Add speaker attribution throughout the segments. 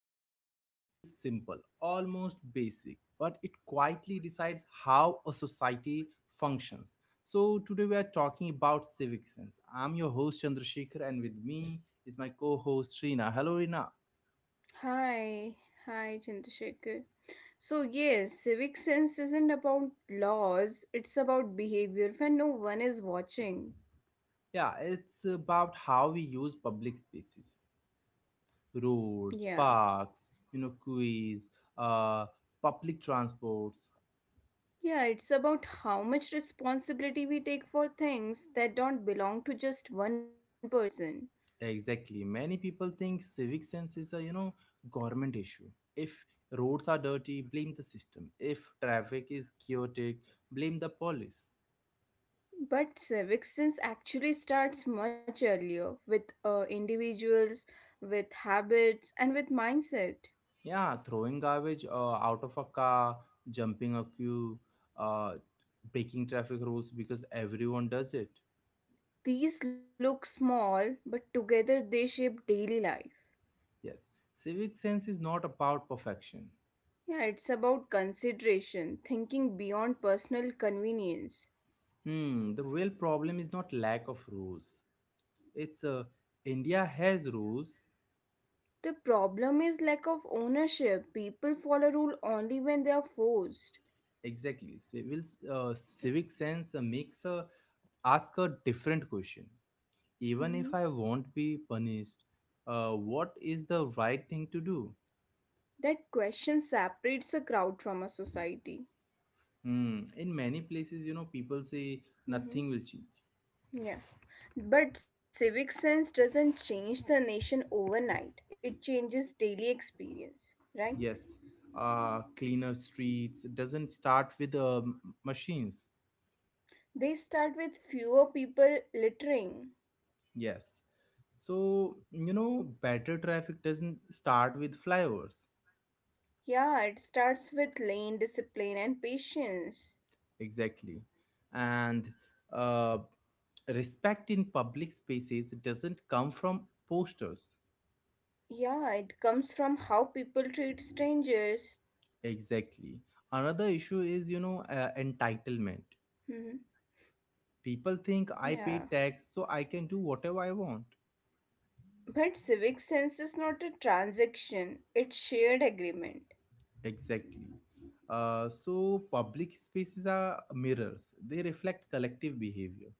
Speaker 1: today's topic feels simple, almost basic, but it quietly decides how a society functions. So today we are talking about civic sense. I'm your host Chandrasekhar and with me is my co-host Reena. Hello Reena.
Speaker 2: Hi, hi, Chandrasekhar. So, yes, civic sense isn't about laws, it's about behavior when no one is watching.
Speaker 1: Yeah, it's about how we use public spaces,
Speaker 2: Yeah.
Speaker 1: roads, parks, you know, quays, uh, public transports.
Speaker 2: Yeah, it's about how much responsibility we take for things that don't belong to just one person.
Speaker 1: Exactly. Many people think civic sense is a, you know, government issue. If roads are dirty, blame the system. If traffic is chaotic, blame the police.
Speaker 2: But civic sense actually starts much earlier with individuals, with habits, and with mindset.
Speaker 1: Yeah, throwing garbage out of a car, jumping a queue, uh, breaking traffic rules because everyone does it.
Speaker 2: These look small, but together they shape daily life.
Speaker 1: Yes, civic sense is not about perfection.
Speaker 2: Yeah, it's about consideration, thinking beyond personal convenience.
Speaker 1: The real problem is not lack of rules. It's India has rules.
Speaker 2: The problem is lack of ownership. People follow rule only when they are forced.
Speaker 1: Exactly. Civic sense makes a ask a different question. Even
Speaker 2: Mhm.
Speaker 1: if I won't be punished, what is the right thing to do?
Speaker 2: That question separates a crowd from a society.
Speaker 1: Hmm. In many places, you know, people say nothing will
Speaker 2: Mhm.
Speaker 1: change.
Speaker 2: Yeah. But civic sense doesn't change the nation overnight. It changes daily experience, right?
Speaker 1: Yes, cleaner streets doesn't start with machines.
Speaker 2: They start with fewer people littering.
Speaker 1: Yes, so you know, better traffic doesn't start with flyovers.
Speaker 2: Yeah, it starts with lane discipline and patience.
Speaker 1: Exactly. And uh, respect in public spaces doesn't come from posters.
Speaker 2: Yeah, it comes from how people treat strangers.
Speaker 1: Exactly. Another issue is, you know, entitlement.
Speaker 2: Hmm.
Speaker 1: People think I
Speaker 2: Yeah.
Speaker 1: pay tax, so I can do whatever I want.
Speaker 2: But civic sense is not a transaction, it's shared agreement.
Speaker 1: Exactly. So public spaces are mirrors. They reflect collective behavior.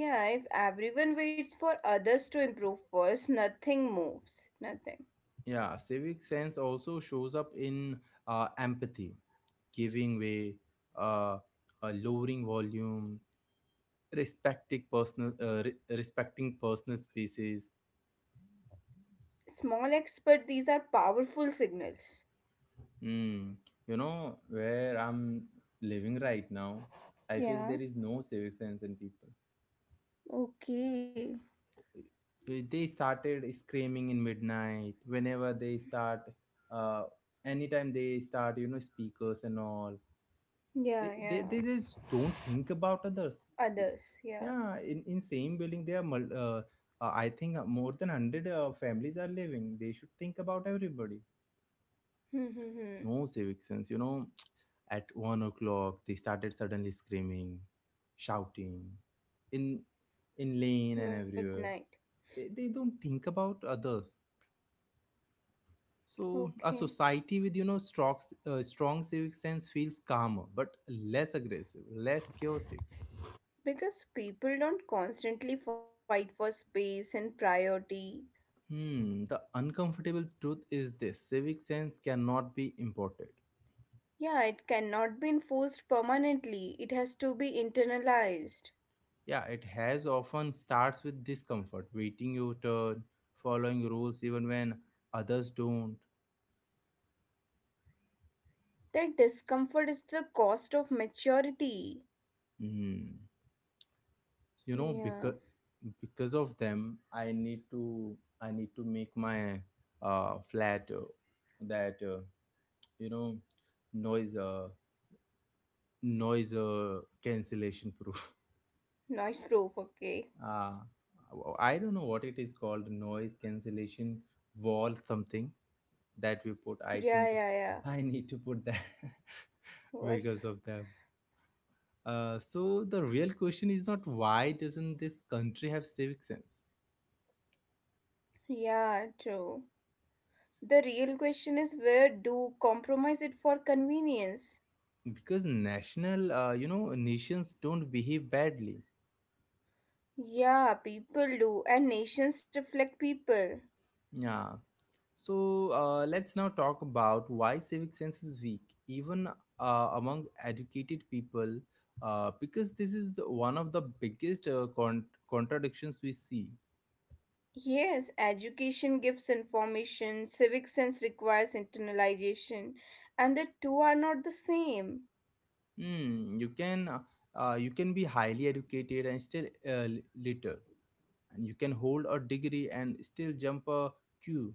Speaker 2: Yeah, if everyone waits for others to improve first, nothing moves. Nothing.
Speaker 1: Yeah, civic sense also shows up in empathy, giving way, uh, lowering volume, respecting personal species.
Speaker 2: Small acts, but these are powerful signals.
Speaker 1: Mm, you know where I'm living right now, I feel there
Speaker 2: Yeah.
Speaker 1: is no civic sense in people.
Speaker 2: Okay.
Speaker 1: They started screaming in midnight whenever they start, uh, anytime they start, you know, speakers and all. they
Speaker 2: Yeah,
Speaker 1: they, they
Speaker 2: yeah.
Speaker 1: just don't think about others. It-
Speaker 2: Others, yeah.
Speaker 1: yeah, in same building there are I think more than 100 families are living. They should think about everybody.
Speaker 2: Hmm. Hmm, hmm.
Speaker 1: No civic sense. You know, at 1 o'clock they started suddenly screaming, shouting, in in lane and everywhere.
Speaker 2: Midnight.
Speaker 1: They don't think about others. So a
Speaker 2: Okay.
Speaker 1: society with, you know, strong civic sense feels calmer, but less aggressive, less chaotic.
Speaker 2: Because people don't constantly fight for space and priority.
Speaker 1: Hmm. The uncomfortable truth is this: civic sense cannot be imported.
Speaker 2: Yeah, it cannot be enforced permanently. It has to be internalized.
Speaker 1: Yeah, it has often starts with discomfort, waiting your turn, following rules even when others don't.
Speaker 2: That discomfort is the cost of maturity.
Speaker 1: Mm. So, you know,
Speaker 2: Yeah,
Speaker 1: because of them, I need to make my flat, that you know, noise uh, noise cancellation proof.
Speaker 2: noise proof,
Speaker 1: Uh,
Speaker 2: okay.
Speaker 1: I don't know what it is called, noise cancellation wall something that we put. I think
Speaker 2: Yeah, yeah, yeah.
Speaker 1: I need to put that because
Speaker 2: Voice.
Speaker 1: of them. So the real question is not, why doesn't this country have civic sense?
Speaker 2: Yeah, true. The real question is where do compromise it for convenience?
Speaker 1: Because national you know, nations don't behave badly.
Speaker 2: Yeah, people do, and nations reflect people.
Speaker 1: Yeah, so let's now talk about why civic sense is weak even among educated people, because this is one of the biggest contradictions we see.
Speaker 2: Yes, education gives information, civic sense requires internalization, and the two are not the same.
Speaker 1: Hmm, you can be highly educated and still uh, litter, and you can hold a degree and still jump a queue.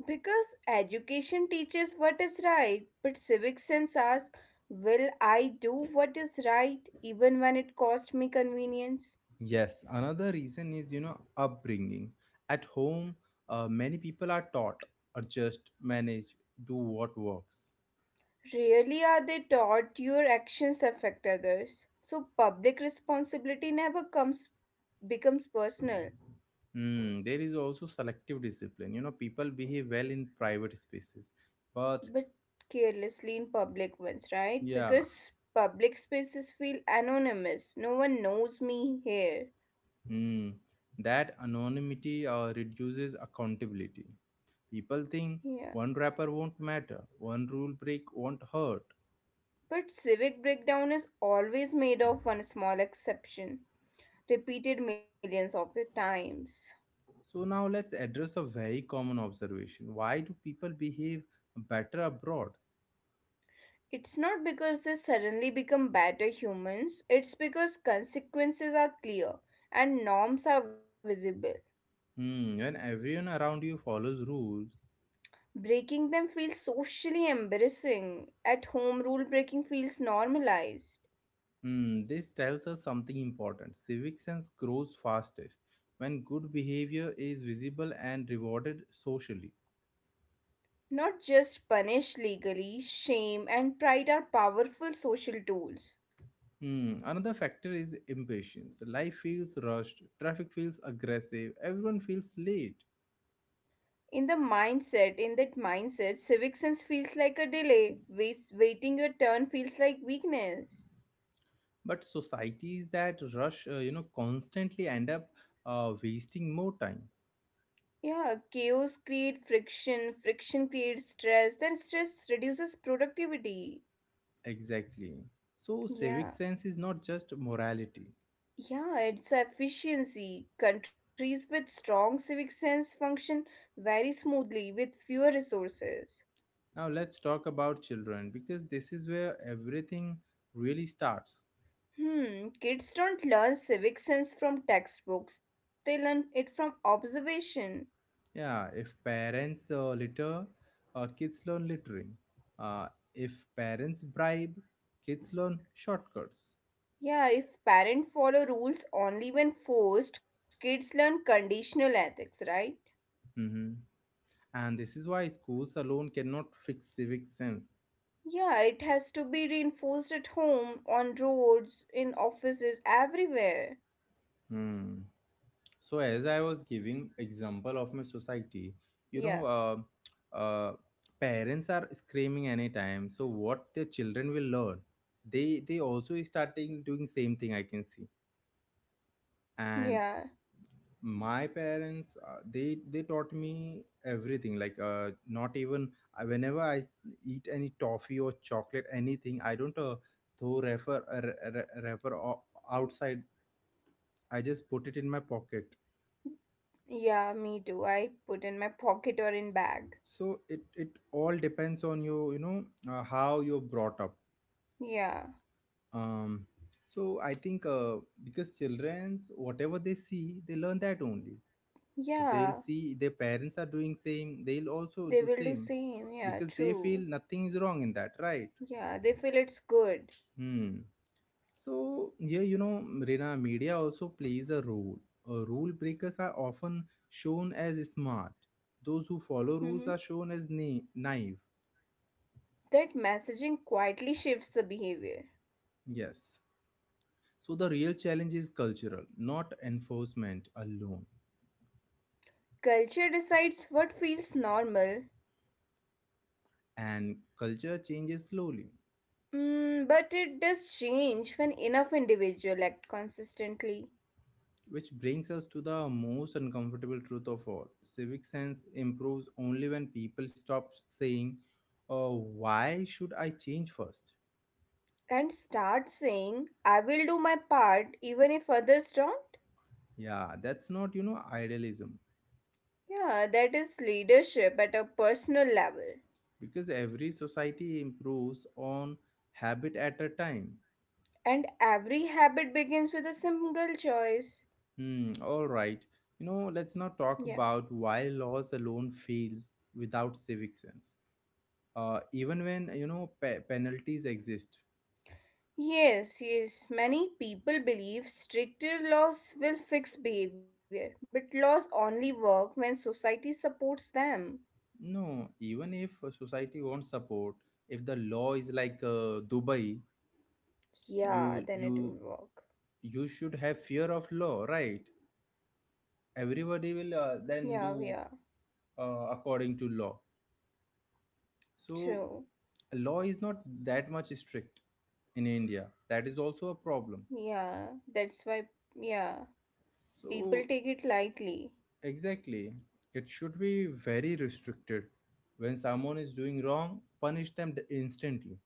Speaker 2: Because education teaches what is right, but civic sense asks, will I do what is right even when it costs me convenience?
Speaker 1: Yes, another reason is, you know, upbringing. At home, many people are taught, or just manage, do what works.
Speaker 2: Rarely are they taught your actions affect others. So public responsibility never comes becomes personal.
Speaker 1: Hmm, there is also selective discipline. You know, people behave well in private spaces, but
Speaker 2: But carelessly in public ones, right?
Speaker 1: yeah,
Speaker 2: Because public spaces feel anonymous. No one knows me here.
Speaker 1: hmm, that anonymity reduces accountability. People think
Speaker 2: Yeah.
Speaker 1: one rapper won't matter, one rule break won't hurt.
Speaker 2: But civic breakdown is always made of one small exception, repeated millions of the times.
Speaker 1: So now let's address a very common observation: why do people behave better abroad?
Speaker 2: It's not because they suddenly become better humans, it's because consequences are clear and norms are visible.
Speaker 1: Hmm, when everyone around you follows rules,
Speaker 2: Breaking them feels socially embarrassing. At home, rule breaking feels normalized.
Speaker 1: hmm, this tells us something important. Civic sense grows fastest when good behavior is visible and rewarded socially.
Speaker 2: Not just punish legally, shame and pride are powerful social tools.
Speaker 1: Hmm, another factor is impatience. Life feels rushed, traffic feels aggressive, everyone feels late.
Speaker 2: In the mindset, in that mindset, civic sense feels like a delay. Waste, waiting your turn feels like weakness.
Speaker 1: But societies that rush, you know, constantly end up wasting more time.
Speaker 2: Yeah, chaos creates friction, friction creates stress, then stress reduces productivity.
Speaker 1: Exactly. So
Speaker 2: Yeah,
Speaker 1: civic sense is not just morality.
Speaker 2: yeah, it's efficiency. Countries with strong civic sense function very smoothly with fewer resources.
Speaker 1: Now let's talk about children because this is where everything really starts.
Speaker 2: Hmm, kids don't learn civic sense from textbooks, they learn it from observation.
Speaker 1: Yeah, if parents litter, kids learn littering. Uh, if parents bribe, kids learn shortcuts.
Speaker 2: Yeah, if parents follow rules only when forced, kids learn conditional ethics, right?
Speaker 1: Hmm. And this is why schools alone cannot fix civic sense.
Speaker 2: Yeah, it has to be reinforced at home, on roads, in offices, everywhere.
Speaker 1: Hmm. So as I was giving example of my society, you
Speaker 2: Yeah,
Speaker 1: know, parents are screaming anytime, so what their children will learn? They also starting doing same thing, I can see. And
Speaker 2: yeah,
Speaker 1: my parents, they taught me everything, like, not even whenever I eat any toffee or chocolate, anything, I don't throw refer re- re- wrapper outside. I just put it in my pocket.
Speaker 2: yeah, me too. I put in my pocket or in bag.
Speaker 1: So it all depends on you, you know, how you're brought up.
Speaker 2: Yeah,
Speaker 1: Um, so I think, because children's, whatever they see, they learn that only. If
Speaker 2: yeah,
Speaker 1: they'll see their parents are doing same, they'll also
Speaker 2: they
Speaker 1: do
Speaker 2: will do
Speaker 1: same,
Speaker 2: same. Yeah,
Speaker 1: because they
Speaker 2: true.
Speaker 1: feel nothing is wrong in that, right?
Speaker 2: Yeah, they feel it's good.
Speaker 1: Hmm. So yeah, you know, rena media also plays a role. Uh, rule breakers are often shown as smart, those who follow
Speaker 2: Mm-hmm.
Speaker 1: rules are shown as naive.
Speaker 2: That messaging quietly shifts the behavior.
Speaker 1: Yes. So the real challenge is cultural, not enforcement alone.
Speaker 2: Culture decides what feels normal,
Speaker 1: And culture changes slowly,
Speaker 2: mm, but it does change when enough individual act consistently
Speaker 1: which brings us to the most uncomfortable truth of all. Civic sense improves only when people stop saying, "Oh, why should I change first?"
Speaker 2: and start saying, I will do my part even if others don't.
Speaker 1: Yeah, that's not, you know, idealism,
Speaker 2: Yeah, that is leadership at a personal level.
Speaker 1: because every society improves on habit at a time.
Speaker 2: And every habit begins with a single choice.
Speaker 1: Hmm, all right. You know, let's not
Speaker 2: Yeah.
Speaker 1: talk about why laws alone fails without civic sense, even when, you know, penalties exist.
Speaker 2: Yes, yes, many people believe stricter laws will fix behavior, but laws only work when society supports them.
Speaker 1: No, even if a society won't support, if the law is like Dubai, you
Speaker 2: Yeah, then it will work.
Speaker 1: you should have fear of law, right? Everybody will
Speaker 2: Yeah, yeah,
Speaker 1: then do according to law. So
Speaker 2: true.
Speaker 1: law is not that much strict in India, that is also a problem.
Speaker 2: Yeah, that's why, yeah, people
Speaker 1: So
Speaker 2: take it lightly.
Speaker 1: exactly, it should be very restricted. When someone is doing wrong, punish them instantly.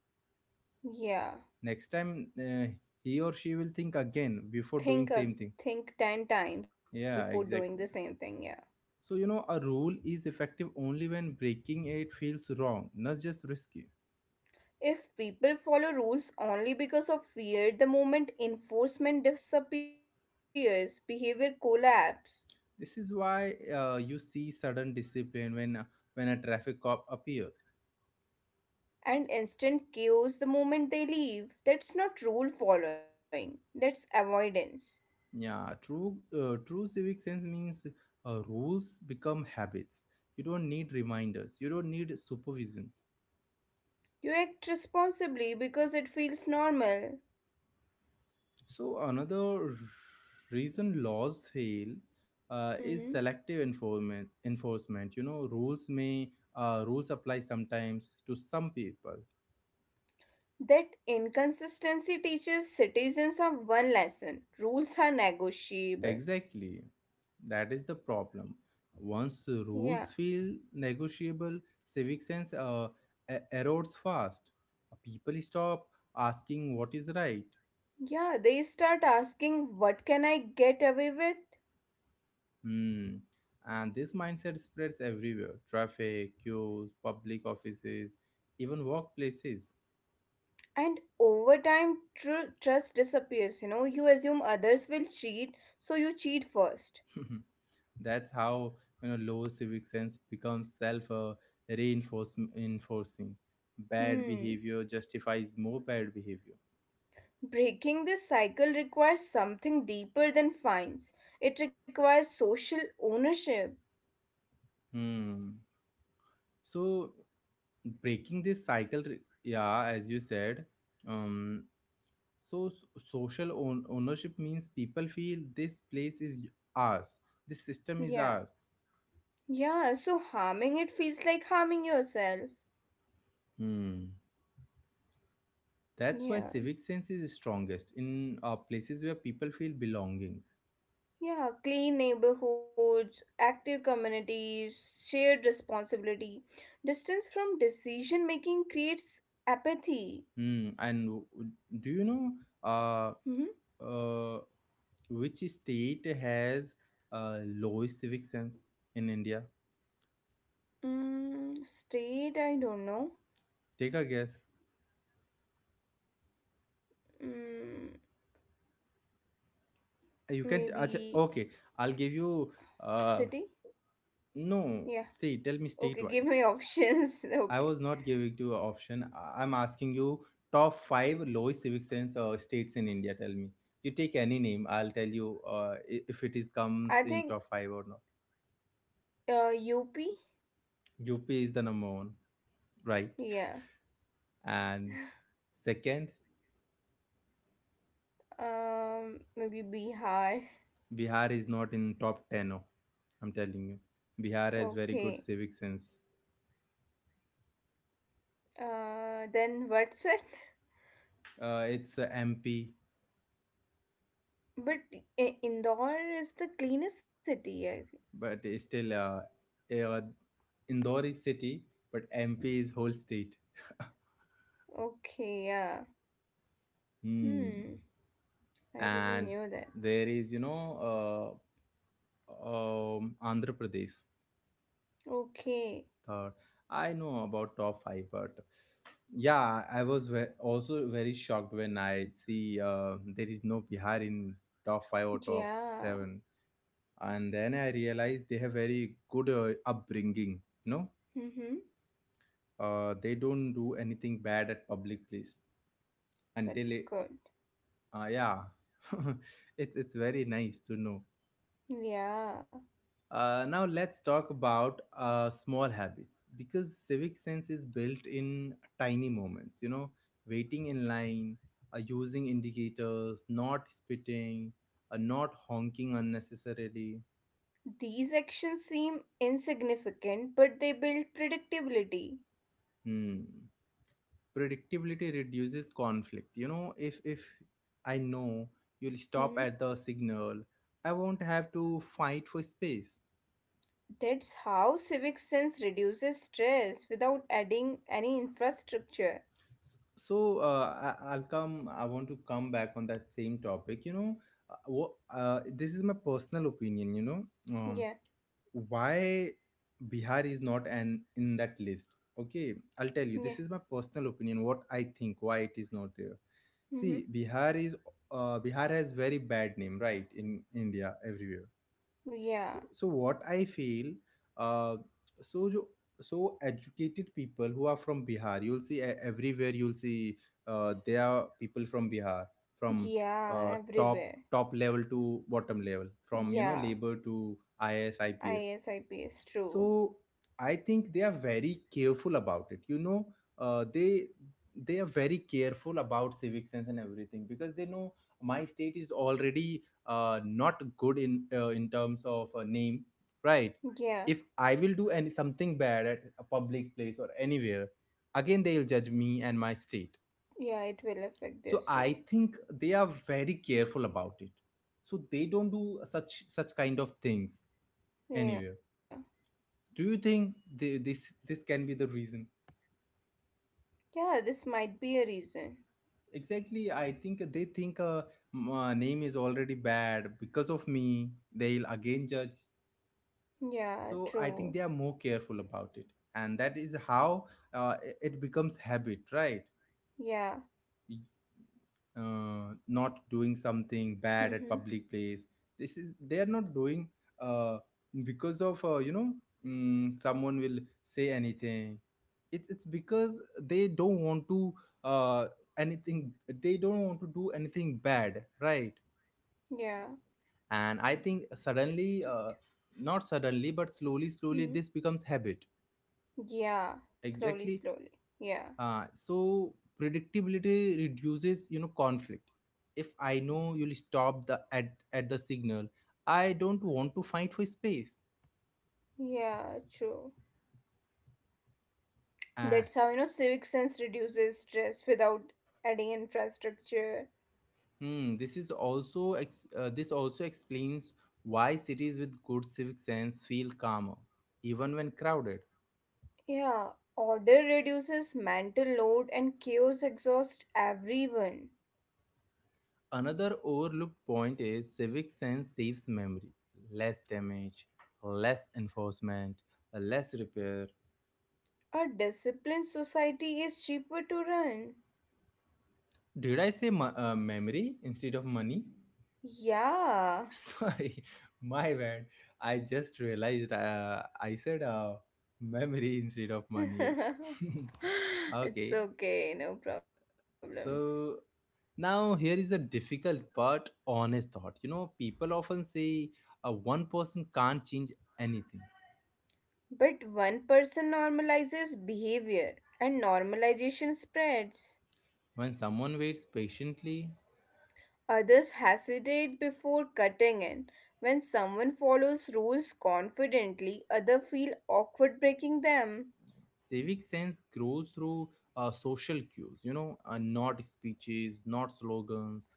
Speaker 2: Yeah,
Speaker 1: Next time, he or she will think again before doing same thing.
Speaker 2: think, a think 10
Speaker 1: Yeah,
Speaker 2: times before
Speaker 1: exactly.
Speaker 2: doing the same thing. Yeah.
Speaker 1: So you know, a rule is effective only when breaking it feels wrong, not just risky.
Speaker 2: If people follow rules only because of fear, the moment enforcement disappears, behavior collapses.
Speaker 1: This is why you see sudden discipline when a traffic cop appears.
Speaker 2: And instant chaos the moment they leave. That's not rule following, that's avoidance.
Speaker 1: Yeah, true. True civic sense means rules become habits. You don't need reminders, you don't need supervision.
Speaker 2: You act responsibly because it feels normal.
Speaker 1: So another reason laws fail is
Speaker 2: Mhm.
Speaker 1: selective enforcement. Enforcement, you know, rules apply sometimes to some people.
Speaker 2: That inconsistency teaches citizens of one lesson rules are negotiable.
Speaker 1: Exactly, that is the problem. Once the
Speaker 2: Yeah,
Speaker 1: rules feel negotiable, civic sense erodes fast. People stop asking what is right.
Speaker 2: yeah, they start asking, what can I get away with?
Speaker 1: Hmm. And this mindset spreads everywhere: traffic, queues, public offices, even workplaces.
Speaker 2: And over time, trust disappears. You know, you assume others will cheat, so you cheat first.
Speaker 1: That's how, you know, low civic sense becomes self reinforcing. Enforcing. Bad
Speaker 2: Hmm.
Speaker 1: behavior justifies more bad behavior.
Speaker 2: Breaking this cycle requires something deeper than fines. It requires social ownership.
Speaker 1: Hmm. So breaking this cycle, yeah, as you said, um, so social ownership means people feel this place is ours, this system is
Speaker 2: Yeah.
Speaker 1: ours.
Speaker 2: Yeah, so harming it feels like harming yourself.
Speaker 1: Hmm. That's why
Speaker 2: Yeah.
Speaker 1: civic sense is strongest in places where people feel belongings.
Speaker 2: Yeah, clean neighborhoods, active communities, shared responsibility. Distance from decision making creates apathy.
Speaker 1: Hmm. And do you know uh,
Speaker 2: Hmm?
Speaker 1: uh, which state has lowest civic sense in India?
Speaker 2: Mm, state, I don't know.
Speaker 1: Take a guess.
Speaker 2: Mm,
Speaker 1: You can. Achha,
Speaker 2: maybe
Speaker 1: okay, I'll give you. Uh,
Speaker 2: city?
Speaker 1: no,
Speaker 2: Yeah.
Speaker 1: state. Tell me state
Speaker 2: Okay, give
Speaker 1: wise.
Speaker 2: me options.
Speaker 1: I
Speaker 2: Okay.
Speaker 1: was not giving you an option. I'm asking you top five lowest civic sense states in India. Tell me. You take any name. I'll tell you if it is comes
Speaker 2: I
Speaker 1: in
Speaker 2: think
Speaker 1: top five or not.
Speaker 2: uh, UP?
Speaker 1: UP is the number one, right?
Speaker 2: Yeah.
Speaker 1: And second.
Speaker 2: Maybe Bihar.
Speaker 1: Bihar is not in top 10. Oh, I'm telling you, Bihar has very
Speaker 2: Okay.
Speaker 1: good civic sense.
Speaker 2: Then what's it?
Speaker 1: It's MP,
Speaker 2: But I- Indore is the cleanest city. I thi-
Speaker 1: but it's still uh, Indore is city, but MP is whole state.
Speaker 2: Okay, yeah. Hmm.
Speaker 1: Hmm.
Speaker 2: I didn't
Speaker 1: And
Speaker 2: know that.
Speaker 1: there is, you know, uh, Andhra Pradesh.
Speaker 2: Okay.
Speaker 1: Third, I know about top five, but yeah, I was also very shocked when I see there is no Bihar in top five or top
Speaker 2: Yeah.
Speaker 1: seven. And then I realized they have very good upbringing, you know,
Speaker 2: Mm-hmm.
Speaker 1: they don't do anything bad at public place,
Speaker 2: That's
Speaker 1: until
Speaker 2: good.
Speaker 1: yeah. It's very nice to know.
Speaker 2: Yeah.
Speaker 1: Uh, now let's talk about small habits, because civic sense is built in tiny moments, you know, waiting in line, using indicators, not spitting, not honking unnecessarily.
Speaker 2: These actions seem insignificant, but they build predictability.
Speaker 1: Hmm. Predictability reduces conflict, you know, if I know you'll stop
Speaker 2: Hmm.
Speaker 1: at the signal, I won't have to fight for space.
Speaker 2: That's how civic sense reduces stress without adding any infrastructure.
Speaker 1: So I want to come back on that same topic, you know, this is my personal opinion, you know, um,
Speaker 2: Yeah,
Speaker 1: why Bihar is not an in that list. Okay, I'll tell you,
Speaker 2: yeah,
Speaker 1: this is my personal opinion what I think, why it is not there.
Speaker 2: mm-hmm.
Speaker 1: See, Bihar is, Bihar has very bad name, right? In India, everywhere.
Speaker 2: Yeah,
Speaker 1: So, so what I feel, uh, so jo, so educated people who are from Bihar, you'll see everywhere. You'll see there are people from Bihar, from
Speaker 2: yeah,
Speaker 1: top
Speaker 2: everywhere.
Speaker 1: top level to bottom level, from
Speaker 2: Yeah,
Speaker 1: labor to ISIPS.
Speaker 2: ISIP is true.
Speaker 1: So I think they are very careful about it. uh, they they are very careful about civic sense and everything because they know my state is already not good in, in terms of a name, right?
Speaker 2: Yeah,
Speaker 1: If I will do any something bad at a public place or anywhere, again they'll judge me and my state.
Speaker 2: yeah, it will affect
Speaker 1: So
Speaker 2: their
Speaker 1: I
Speaker 2: state.
Speaker 1: think they are very careful about it, so they don't do such kind of things
Speaker 2: Yeah,
Speaker 1: anywhere. Do you think this can be the reason?
Speaker 2: yeah, this might be a reason.
Speaker 1: Exactly, I think they think, my name is already bad, because of me they'll again judge.
Speaker 2: Yeah,
Speaker 1: So I think
Speaker 2: true.
Speaker 1: they are more careful about it, and that is how it becomes habit, right?
Speaker 2: Yeah,
Speaker 1: Not doing something bad at
Speaker 2: mm-hmm.
Speaker 1: public place, this is they are not doing, uh, because of, someone will say anything. It's because they don't want to, uh, anything, they don't want to do anything bad, right?
Speaker 2: Yeah,
Speaker 1: And I think suddenly,
Speaker 2: this state.
Speaker 1: not suddenly but slowly slowly
Speaker 2: Mm-hmm.
Speaker 1: this becomes habit.
Speaker 2: Yeah, slowly,
Speaker 1: Exactly.
Speaker 2: slowly. Yeah,
Speaker 1: So predictability reduces, you know, conflict. If I know you'll stop the at the signal, I don't want to fight for space.
Speaker 2: yeah, true.
Speaker 1: Uh,
Speaker 2: That's how, you know, civic sense reduces stress without adding infrastructure.
Speaker 1: this this also explains why cities with good civic sense feel calmer, even when crowded.
Speaker 2: Yeah, order reduces mental load and chaos exhausts everyone.
Speaker 1: Another overlooked point is civic sense saves memory, less damage, less enforcement, less repair.
Speaker 2: A disciplined society is cheaper to run.
Speaker 1: Did I say memory instead of money?
Speaker 2: Yeah.
Speaker 1: Sorry, my bad. I just realized I said memory instead of money.
Speaker 2: It's
Speaker 1: Okay,
Speaker 2: okay, no problem.
Speaker 1: so now here is a difficult but honest thought. You know, people often say one person can't change anything.
Speaker 2: But one person normalizes behavior and normalization spreads.
Speaker 1: When someone waits patiently,
Speaker 2: Others hesitate before cutting in. When someone follows rules confidently, others feel awkward breaking them.
Speaker 1: civic sense grows through social cues, you know, not speeches, not slogans.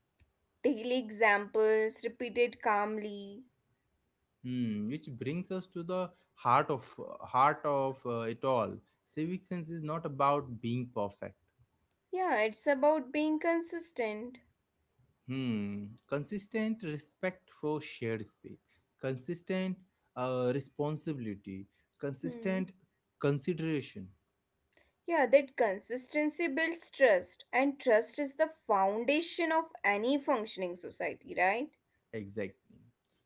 Speaker 2: Daily examples repeated calmly.
Speaker 1: Which brings us to the heart of heart of it all. Civic sense is not about being perfect.
Speaker 2: Yeah, it's about being consistent.
Speaker 1: Consistent respect for shared space, consistent responsibility,
Speaker 2: Hmm.
Speaker 1: consistent consideration.
Speaker 2: Yeah, that consistency builds trust, and trust is the foundation of any functioning society, right?
Speaker 1: Exactly.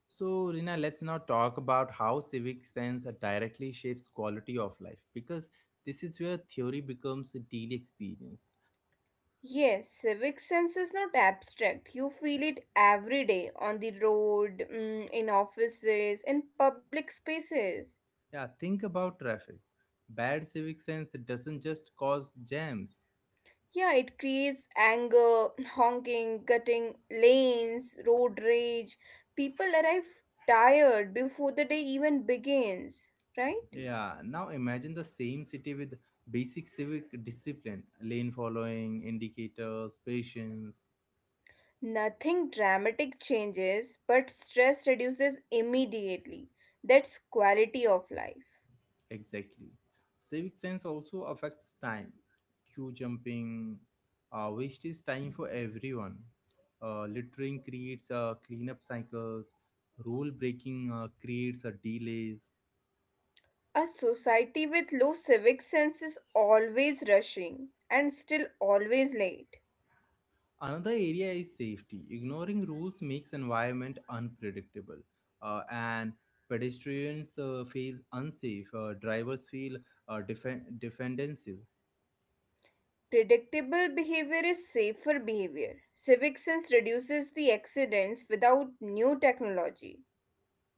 Speaker 1: So, Rina, let's now talk about how civic sense directly shapes quality of life, because this is where theory becomes a daily experience.
Speaker 2: Yes, civic sense is not abstract. You feel it every day on the road, mm, in offices, in public spaces.
Speaker 1: Yeah, think about traffic. Bad civic sense doesn't just cause jams.
Speaker 2: Yeah, it creates anger, honking, gutting lanes, road rage. People arrive tired before the day even begins, right?
Speaker 1: Yeah, now imagine the same city with basic civic discipline, lane following, indicators, patience.
Speaker 2: Nothing dramatic changes, but stress reduces immediately. That's quality of life.
Speaker 1: Exactly. Civic sense also affects time, queue jumping, waste is time for everyone. Littering creates cleanup cycles, rule breaking creates delays.
Speaker 2: A society with low civic sense is always rushing and still always late.
Speaker 1: Another area is safety. Ignoring rules makes environment unpredictable, and pedestrians feel unsafe. Drivers feel defensive.
Speaker 2: Predictable behavior is safer behavior. Civic sense reduces the accidents without new technology.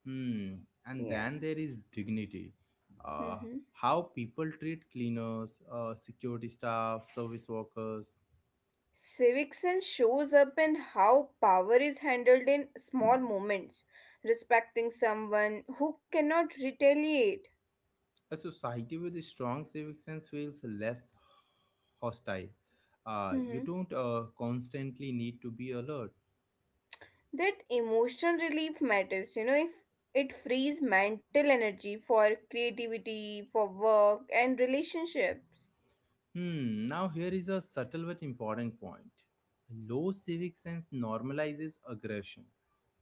Speaker 1: Hmm. And
Speaker 2: Yeah.
Speaker 1: then there is dignity. Uh,
Speaker 2: Hmm.
Speaker 1: how people treat cleaners, security staff, service workers.
Speaker 2: Civic sense shows up in how power is handled in small moments, respecting someone who cannot retaliate.
Speaker 1: A society with a strong civic sense feels less hostile. You don't constantly need to be alert.
Speaker 2: That emotional relief matters, you know. If it frees mental energy for creativity, for work and relationships,
Speaker 1: Now here is a subtle but important point. Low civic sense normalizes aggression.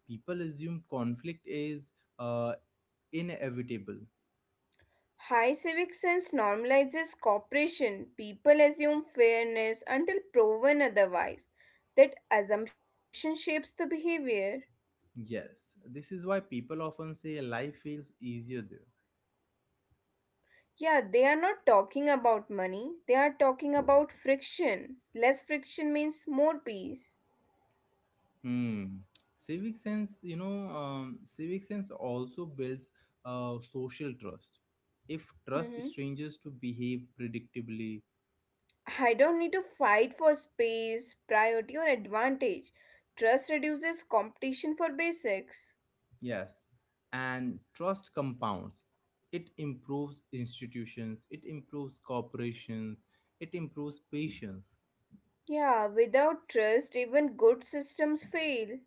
Speaker 1: People assume conflict is, uh, inevitable.
Speaker 2: high civic sense normalizes cooperation. People assume fairness until proven otherwise. That assumption shapes the behavior.
Speaker 1: Yes, this is why people often say life feels easier there.
Speaker 2: Yeah, they are not talking about money, they are talking about friction. Less friction means more peace.
Speaker 1: Hmm. Civic sense also builds social trust. If trust
Speaker 2: Hmm.
Speaker 1: strangers to behave predictably.
Speaker 2: I don't need to fight for space, priority, or advantage. Trust reduces competition for basics.
Speaker 1: Yes, and trust compounds. It improves institutions, it improves corporations, it improves patience.
Speaker 2: Yeah, without trust, even good systems fail.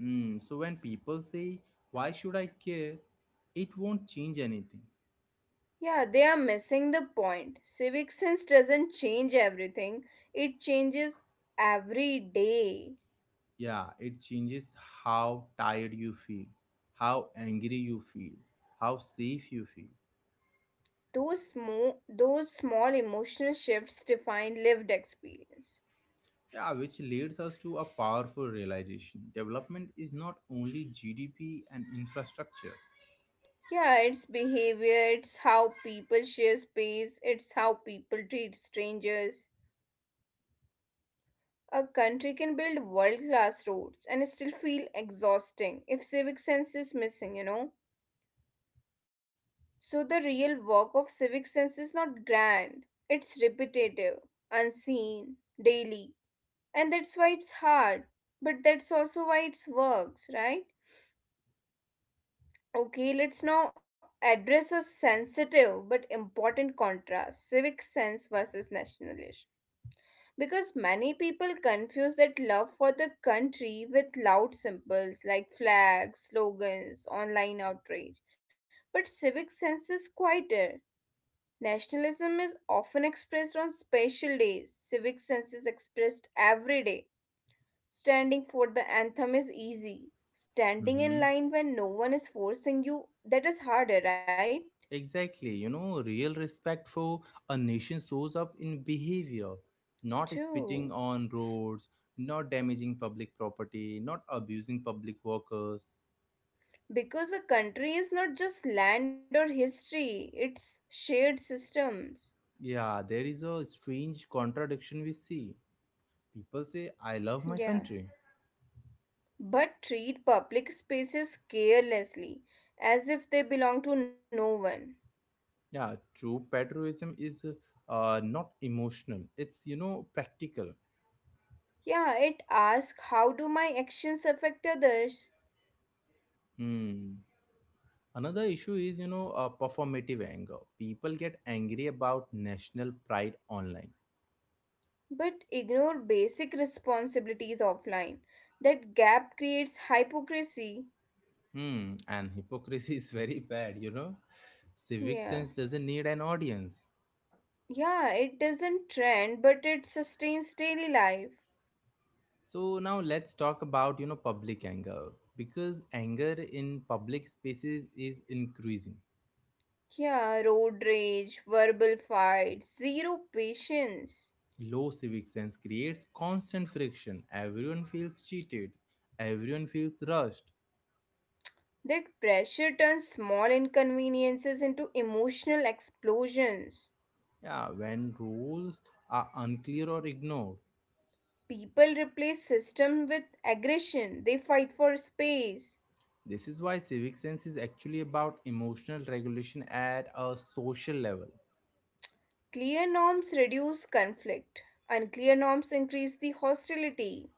Speaker 1: So when people say, "Why should I care? It won't change anything."
Speaker 2: Yeah, they are missing the point. Civic sense doesn't change everything, it changes every day.
Speaker 1: Yeah, it changes how tired you feel, how angry you feel, how safe you feel.
Speaker 2: Those, those small emotional shifts define lived experience.
Speaker 1: Yeah, which leads us to a powerful realization. Development is not only GDP and infrastructure.
Speaker 2: Yeah, it's behavior, it's how people share space, it's how people treat strangers. A country can build world class roads and still feel exhausting if civic sense is missing, you know? So, the real work of civic sense is not grand, it's repetitive, unseen, daily. And that's why it's hard, but that's also why it works, right? Okay, let's now address a sensitive but important contrast, civic sense versus nationalism. Because many people confuse that love for the country with loud symbols like flags, slogans, online outrage. But civic sense is quieter. Nationalism is often expressed on special days. Civic sense is expressed every day. Standing for the anthem is easy. Standing in
Speaker 1: Mhm.
Speaker 2: line when no one is forcing you, that is harder, right?
Speaker 1: Exactly, you know, real respect for a nation shows up in behavior, not
Speaker 2: True.
Speaker 1: spitting on roads, not damaging public property, not abusing public workers.
Speaker 2: Because a country is not just land or history, it's shared systems.
Speaker 1: Yeah, there is a strange contradiction we see. People say, "I love my
Speaker 2: Yeah,
Speaker 1: country."
Speaker 2: but treat public spaces carelessly, as if they belong to no one.
Speaker 1: Yeah, true patriotism is not emotional, it's, practical.
Speaker 2: Yeah, it asks how do my actions affect others,
Speaker 1: Hmm. Another issue is, performative anger. People get angry about national pride online.
Speaker 2: but ignore basic responsibilities offline. That gap creates hypocrisy.
Speaker 1: And hypocrisy is very bad. Civic
Speaker 2: Yeah.
Speaker 1: sense doesn't need an audience.
Speaker 2: Yeah, it doesn't trend, but it sustains daily life.
Speaker 1: So now let's talk about, public anger, because anger in public spaces is increasing.
Speaker 2: Yeah, road rage, verbal fights, zero patience.
Speaker 1: Low civic sense creates constant friction. Everyone feels cheated. Everyone feels rushed.
Speaker 2: That pressure turns small inconveniences into emotional explosions.
Speaker 1: Yeah, when rules are unclear or ignored.
Speaker 2: People replace system with aggression. They fight for space.
Speaker 1: This is why civic sense is actually about emotional regulation at a social level.
Speaker 2: Clear norms reduce conflict. Unclear norms increase the hostility.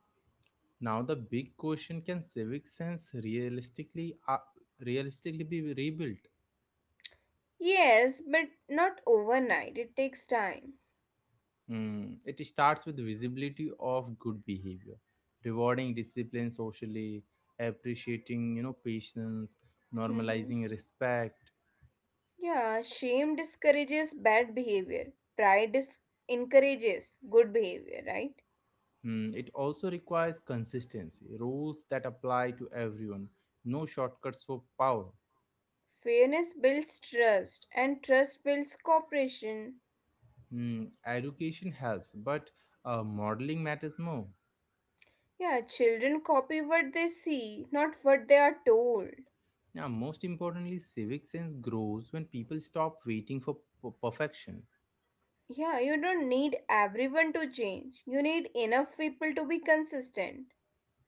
Speaker 1: Now the big question: can civic sense realistically be rebuilt?
Speaker 2: Yes, but not overnight. It takes time.
Speaker 1: It starts with visibility of good behavior, rewarding discipline socially, appreciating patience,
Speaker 2: Mhm.
Speaker 1: normalizing respect.
Speaker 2: Yeah, shame discourages bad behavior. Pride encourages good behavior, right?
Speaker 1: It also requires consistency, rules that apply to everyone, no shortcuts for power.
Speaker 2: Fairness builds trust, and trust builds cooperation.
Speaker 1: Education helps, but modeling matters more.
Speaker 2: Yeah, children copy what they see, not what they are told.
Speaker 1: Yeah, most importantly, civic sense grows when people stop waiting for perfection.
Speaker 2: Yeah, you don't need everyone to change. You need enough people to be consistent.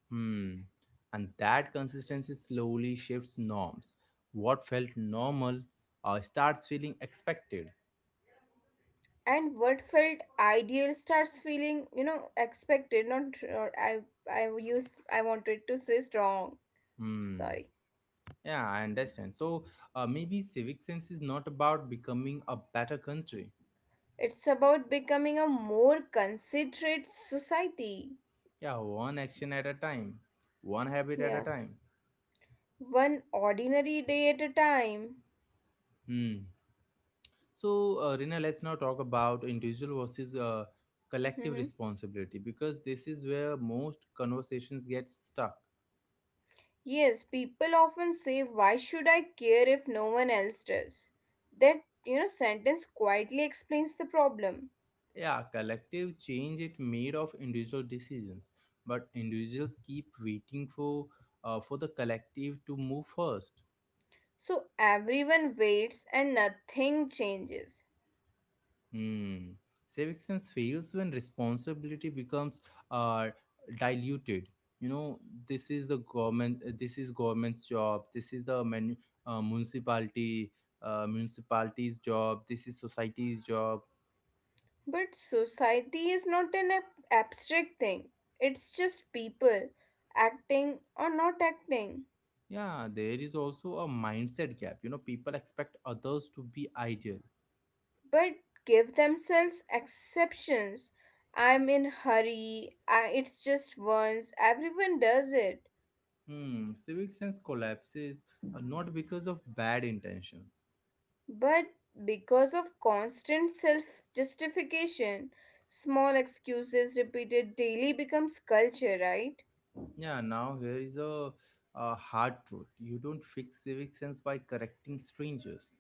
Speaker 1: Hmm. And that consistency slowly shifts norms. What felt normal starts feeling expected.
Speaker 2: And what felt ideal starts feeling, you know, expected. Not or I wanted to say strong.
Speaker 1: Hmm.
Speaker 2: Sorry.
Speaker 1: Yeah, I understand. So maybe civic sense is not about becoming a better country.
Speaker 2: It's about becoming a more considerate society.
Speaker 1: Yeah, one action at a time, one habit at a
Speaker 2: Yeah,
Speaker 1: time.
Speaker 2: one ordinary day at a time.
Speaker 1: Hmm. So, Rina, let's now talk about individual versus collective
Speaker 2: Mm-hmm.
Speaker 1: responsibility, because this is where most conversations get stuck.
Speaker 2: Yes, people often say, why should I care if no one else does? That, you know, sentence quietly explains the problem.
Speaker 1: Yeah, collective change it made of individual decisions, but individuals keep waiting for the collective to move first.
Speaker 2: So everyone waits and nothing changes.
Speaker 1: Hmm. Civic sense fails when responsibility becomes uh, diluted. You know, this is the government. This is government's job. This is the municipality, municipality's job. This is society's job.
Speaker 2: But society is not an abstract thing, it's just people acting or not acting,
Speaker 1: Yeah, there is also a mindset gap. You know, people expect others to be ideal.
Speaker 2: but give themselves exceptions. I'm in hurry, I, it's just once, everyone does it.
Speaker 1: Hmm. Civic sense collapses, not because of bad intentions.
Speaker 2: But because of constant self justification, small excuses repeated daily becomes culture, right?
Speaker 1: Yeah, now here is a hard truth. You don't fix civic sense by correcting strangers.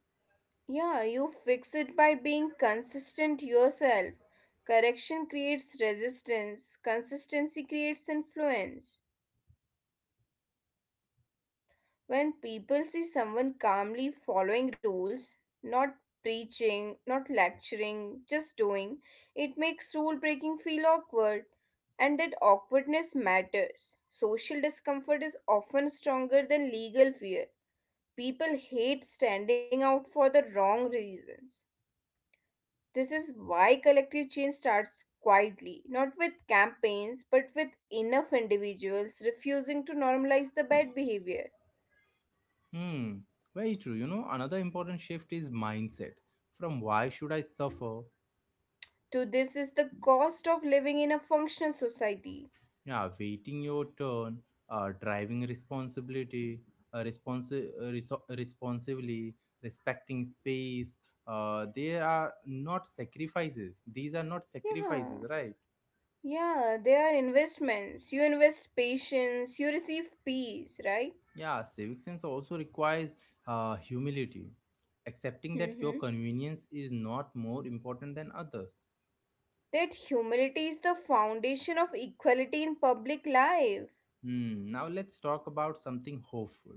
Speaker 2: Yeah, you fix it by being consistent yourself. Correction creates resistance, consistency creates influence. When people see someone calmly following rules, not preaching, not lecturing, just doing, it makes rule breaking feel awkward. And that awkwardness matters. Social discomfort is often stronger than legal fear. People hate standing out for the wrong reasons. This is why collective change starts quietly, not with campaigns, but with enough individuals refusing to normalize the bad behavior.
Speaker 1: Hmm, very true. You know, another important shift is mindset. From "why should I suffer?"
Speaker 2: To this is the cost of living in a functional society.
Speaker 1: Yeah, waiting your turn, driving responsibility, responsibly, respecting space. They are not sacrifices. These are not
Speaker 2: Yeah,
Speaker 1: sacrifices, right?
Speaker 2: yeah, they are investments. You invest patience, you receive peace, right?
Speaker 1: Yeah, civic sense also requires humility, accepting that your
Speaker 2: Mm-hmm.
Speaker 1: convenience is not more important than others.
Speaker 2: That humility is the foundation of equality in public life.
Speaker 1: Hmm. Now let's talk about something hopeful.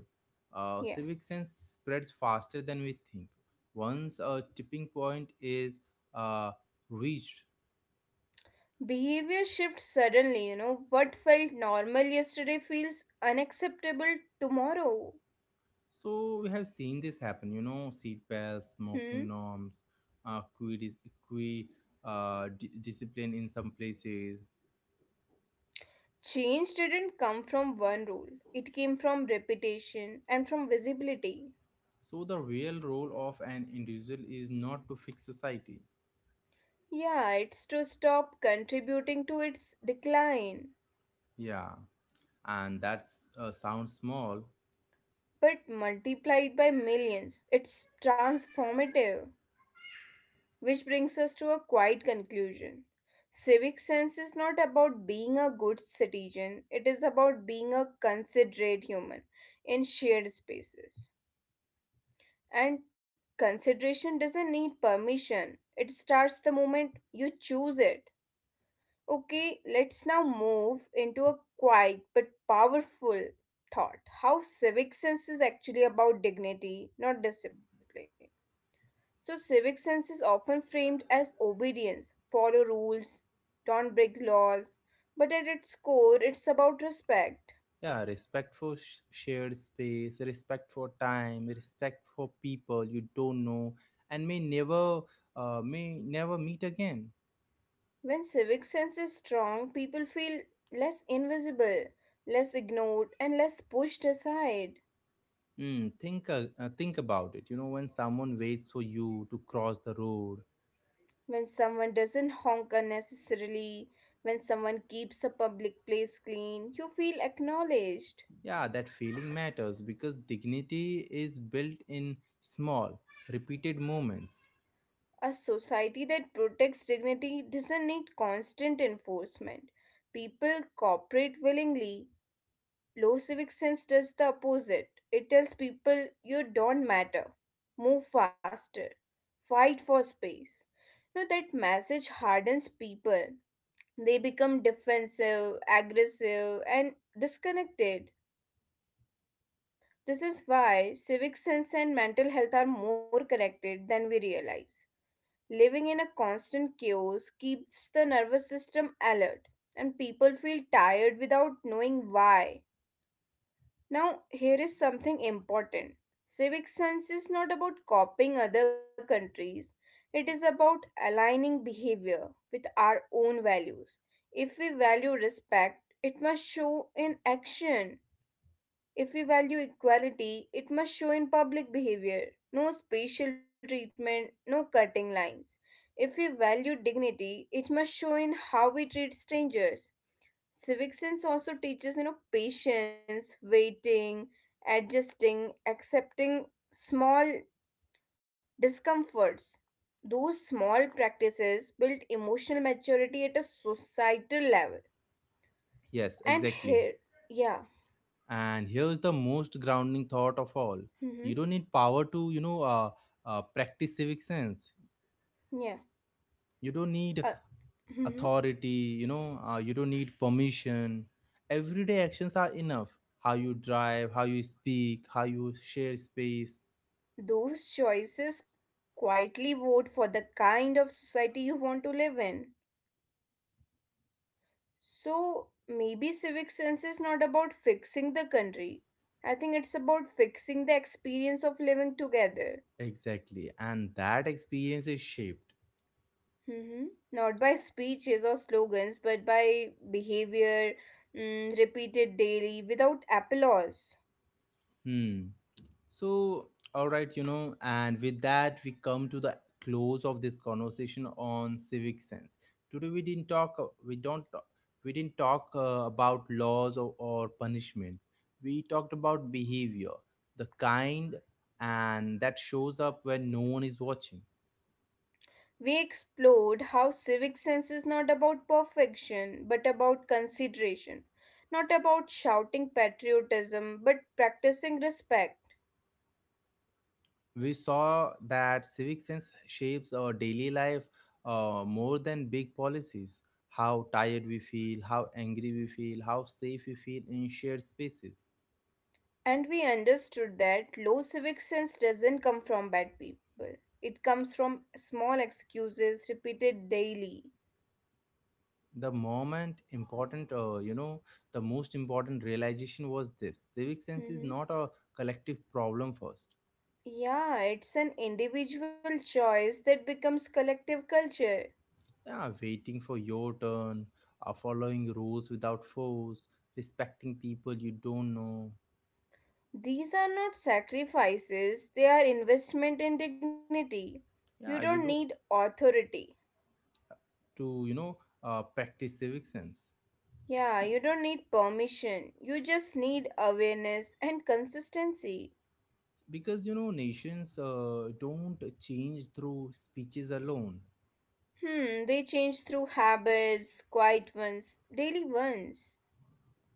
Speaker 2: Yeah.
Speaker 1: Civic sense spreads faster than we think. Once a tipping point is uh, reached.
Speaker 2: Behavior shifts suddenly, you know. What felt normal yesterday feels unacceptable tomorrow.
Speaker 1: So we have seen this happen. You know, seat belts,
Speaker 2: Hmm?
Speaker 1: smoking norms, uh, equi, equi discipline in some places.
Speaker 2: Change didn't come from one rule, it came from repetition and from visibility.
Speaker 1: So the real role of an individual is not to fix society.
Speaker 2: Yeah, it's to stop contributing to its decline.
Speaker 1: Yeah, and that's sounds small.
Speaker 2: But multiplied by millions, it's transformative. Which brings us to a quiet conclusion. Civic sense is not about being a good citizen, it is about being a considerate human in shared spaces. And consideration doesn't need permission, it starts the moment you choose it. Okay, let's now move into a quiet but powerful thought, how civic sense is actually about dignity, not discipline. So, civic sense is often framed as obedience, follow rules, don't break laws, but at its core, it's about respect.
Speaker 1: Yeah, respect for shared space, respect for time, respect for people you don't know and may never meet again.
Speaker 2: When civic sense is strong, people feel less invisible, less ignored, and less pushed aside.
Speaker 1: Think about it. You know, when someone waits for you to cross the road,
Speaker 2: When someone doesn't honk unnecessarily, when someone keeps a public place clean, you feel acknowledged.
Speaker 1: yeah, that feeling matters, because dignity is built in small, repeated moments.
Speaker 2: A society that protects dignity doesn't need constant enforcement. People cooperate willingly. Low civic sense does the opposite. It tells people you don't matter. Move faster. Fight for space. Now that message hardens people. They become defensive, aggressive, and disconnected. This is why civic sense and mental health are more connected than we realize. Living in a constant chaos keeps the nervous system alert, and people feel tired without knowing why. Now, here is something important, civic sense is not about copying other countries, it is about aligning behavior with our own values. If we value respect, it must show in action. If we value equality, it must show in public behavior. No spatial treatment, no cutting lines. If we value dignity, it must show in how we treat strangers. Civic sense also teaches, you know, patience, waiting, adjusting, accepting small discomforts. Those small practices build emotional maturity at a societal level.
Speaker 1: Yes,
Speaker 2: And
Speaker 1: exactly.
Speaker 2: here, yeah.
Speaker 1: And here's the most grounding thought of all.
Speaker 2: Hmm.
Speaker 1: You don't need power to, practice civic sense.
Speaker 2: Yeah,
Speaker 1: You don't need
Speaker 2: uh, mhm.
Speaker 1: authority, you don't need permission. Everyday actions are enough. How you drive, how you speak, how you share space.
Speaker 2: Those choices quietly vote for the kind of society you want to live in. So maybe civic sense is not about fixing the country. I think it's about fixing the experience of living together.
Speaker 1: Exactly. And that experience is shaped.
Speaker 2: Hmm. Not by speeches or slogans, but by behavior, mm, repeated daily without applause.
Speaker 1: Hmm. So, all right, and with that, we come to the close of this conversation on civic sense. Today, we didn't talk, we don't, talk- we didn't talk about laws or punishments. We talked about behavior, the kind, and that shows up when no one is watching.
Speaker 2: We explored how civic sense is not about perfection but about consideration, not about shouting patriotism but practicing respect.
Speaker 1: We saw that civic sense shapes our daily life more than big policies. How tired we feel, how angry we feel, how safe we feel in shared spaces.
Speaker 2: And we understood that low civic sense doesn't come from bad people, it comes from small excuses repeated daily.
Speaker 1: The moment important you know the most important realization was this: civic sense is not
Speaker 2: Mhm.
Speaker 1: a collective problem first.
Speaker 2: Yeah, it's an individual choice that becomes collective culture.
Speaker 1: Yeah, waiting for your turn, following rules without force, respecting people you don't know.
Speaker 2: These are not sacrifices, they are investment in dignity. You don't
Speaker 1: Yeah, you
Speaker 2: need
Speaker 1: do,
Speaker 2: authority.
Speaker 1: to practice civic sense.
Speaker 2: Yeah, you don't need permission. You just need awareness and consistency.
Speaker 1: Because nations don't change through speeches alone.
Speaker 2: Hmm, they change through habits, quiet ones, daily ones.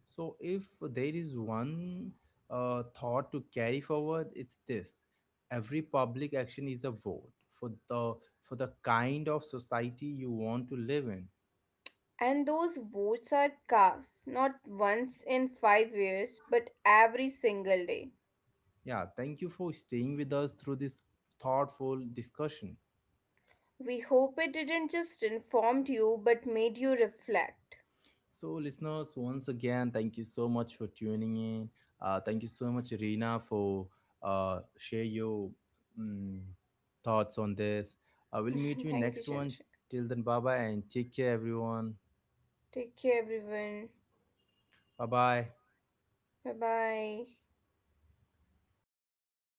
Speaker 1: So, if there is one thought to carry forward, it's this: every public action is a vote for the kind of society you want to live in.
Speaker 2: And those votes are cast not once in 5 years, but every single day.
Speaker 1: Yeah, thank you for staying with us through this thoughtful discussion.
Speaker 2: We hope it didn't just informed you, but made you reflect.
Speaker 1: So, listeners, once again, thank you so much for tuning in. Thank you so much, Reena, for share your mm thoughts on this. I will meet you in
Speaker 2: Thank you,
Speaker 1: next
Speaker 2: Chandra.
Speaker 1: one. Till then, bye bye and take care, everyone.
Speaker 2: Take care, everyone.
Speaker 1: Bye bye.
Speaker 2: Bye bye.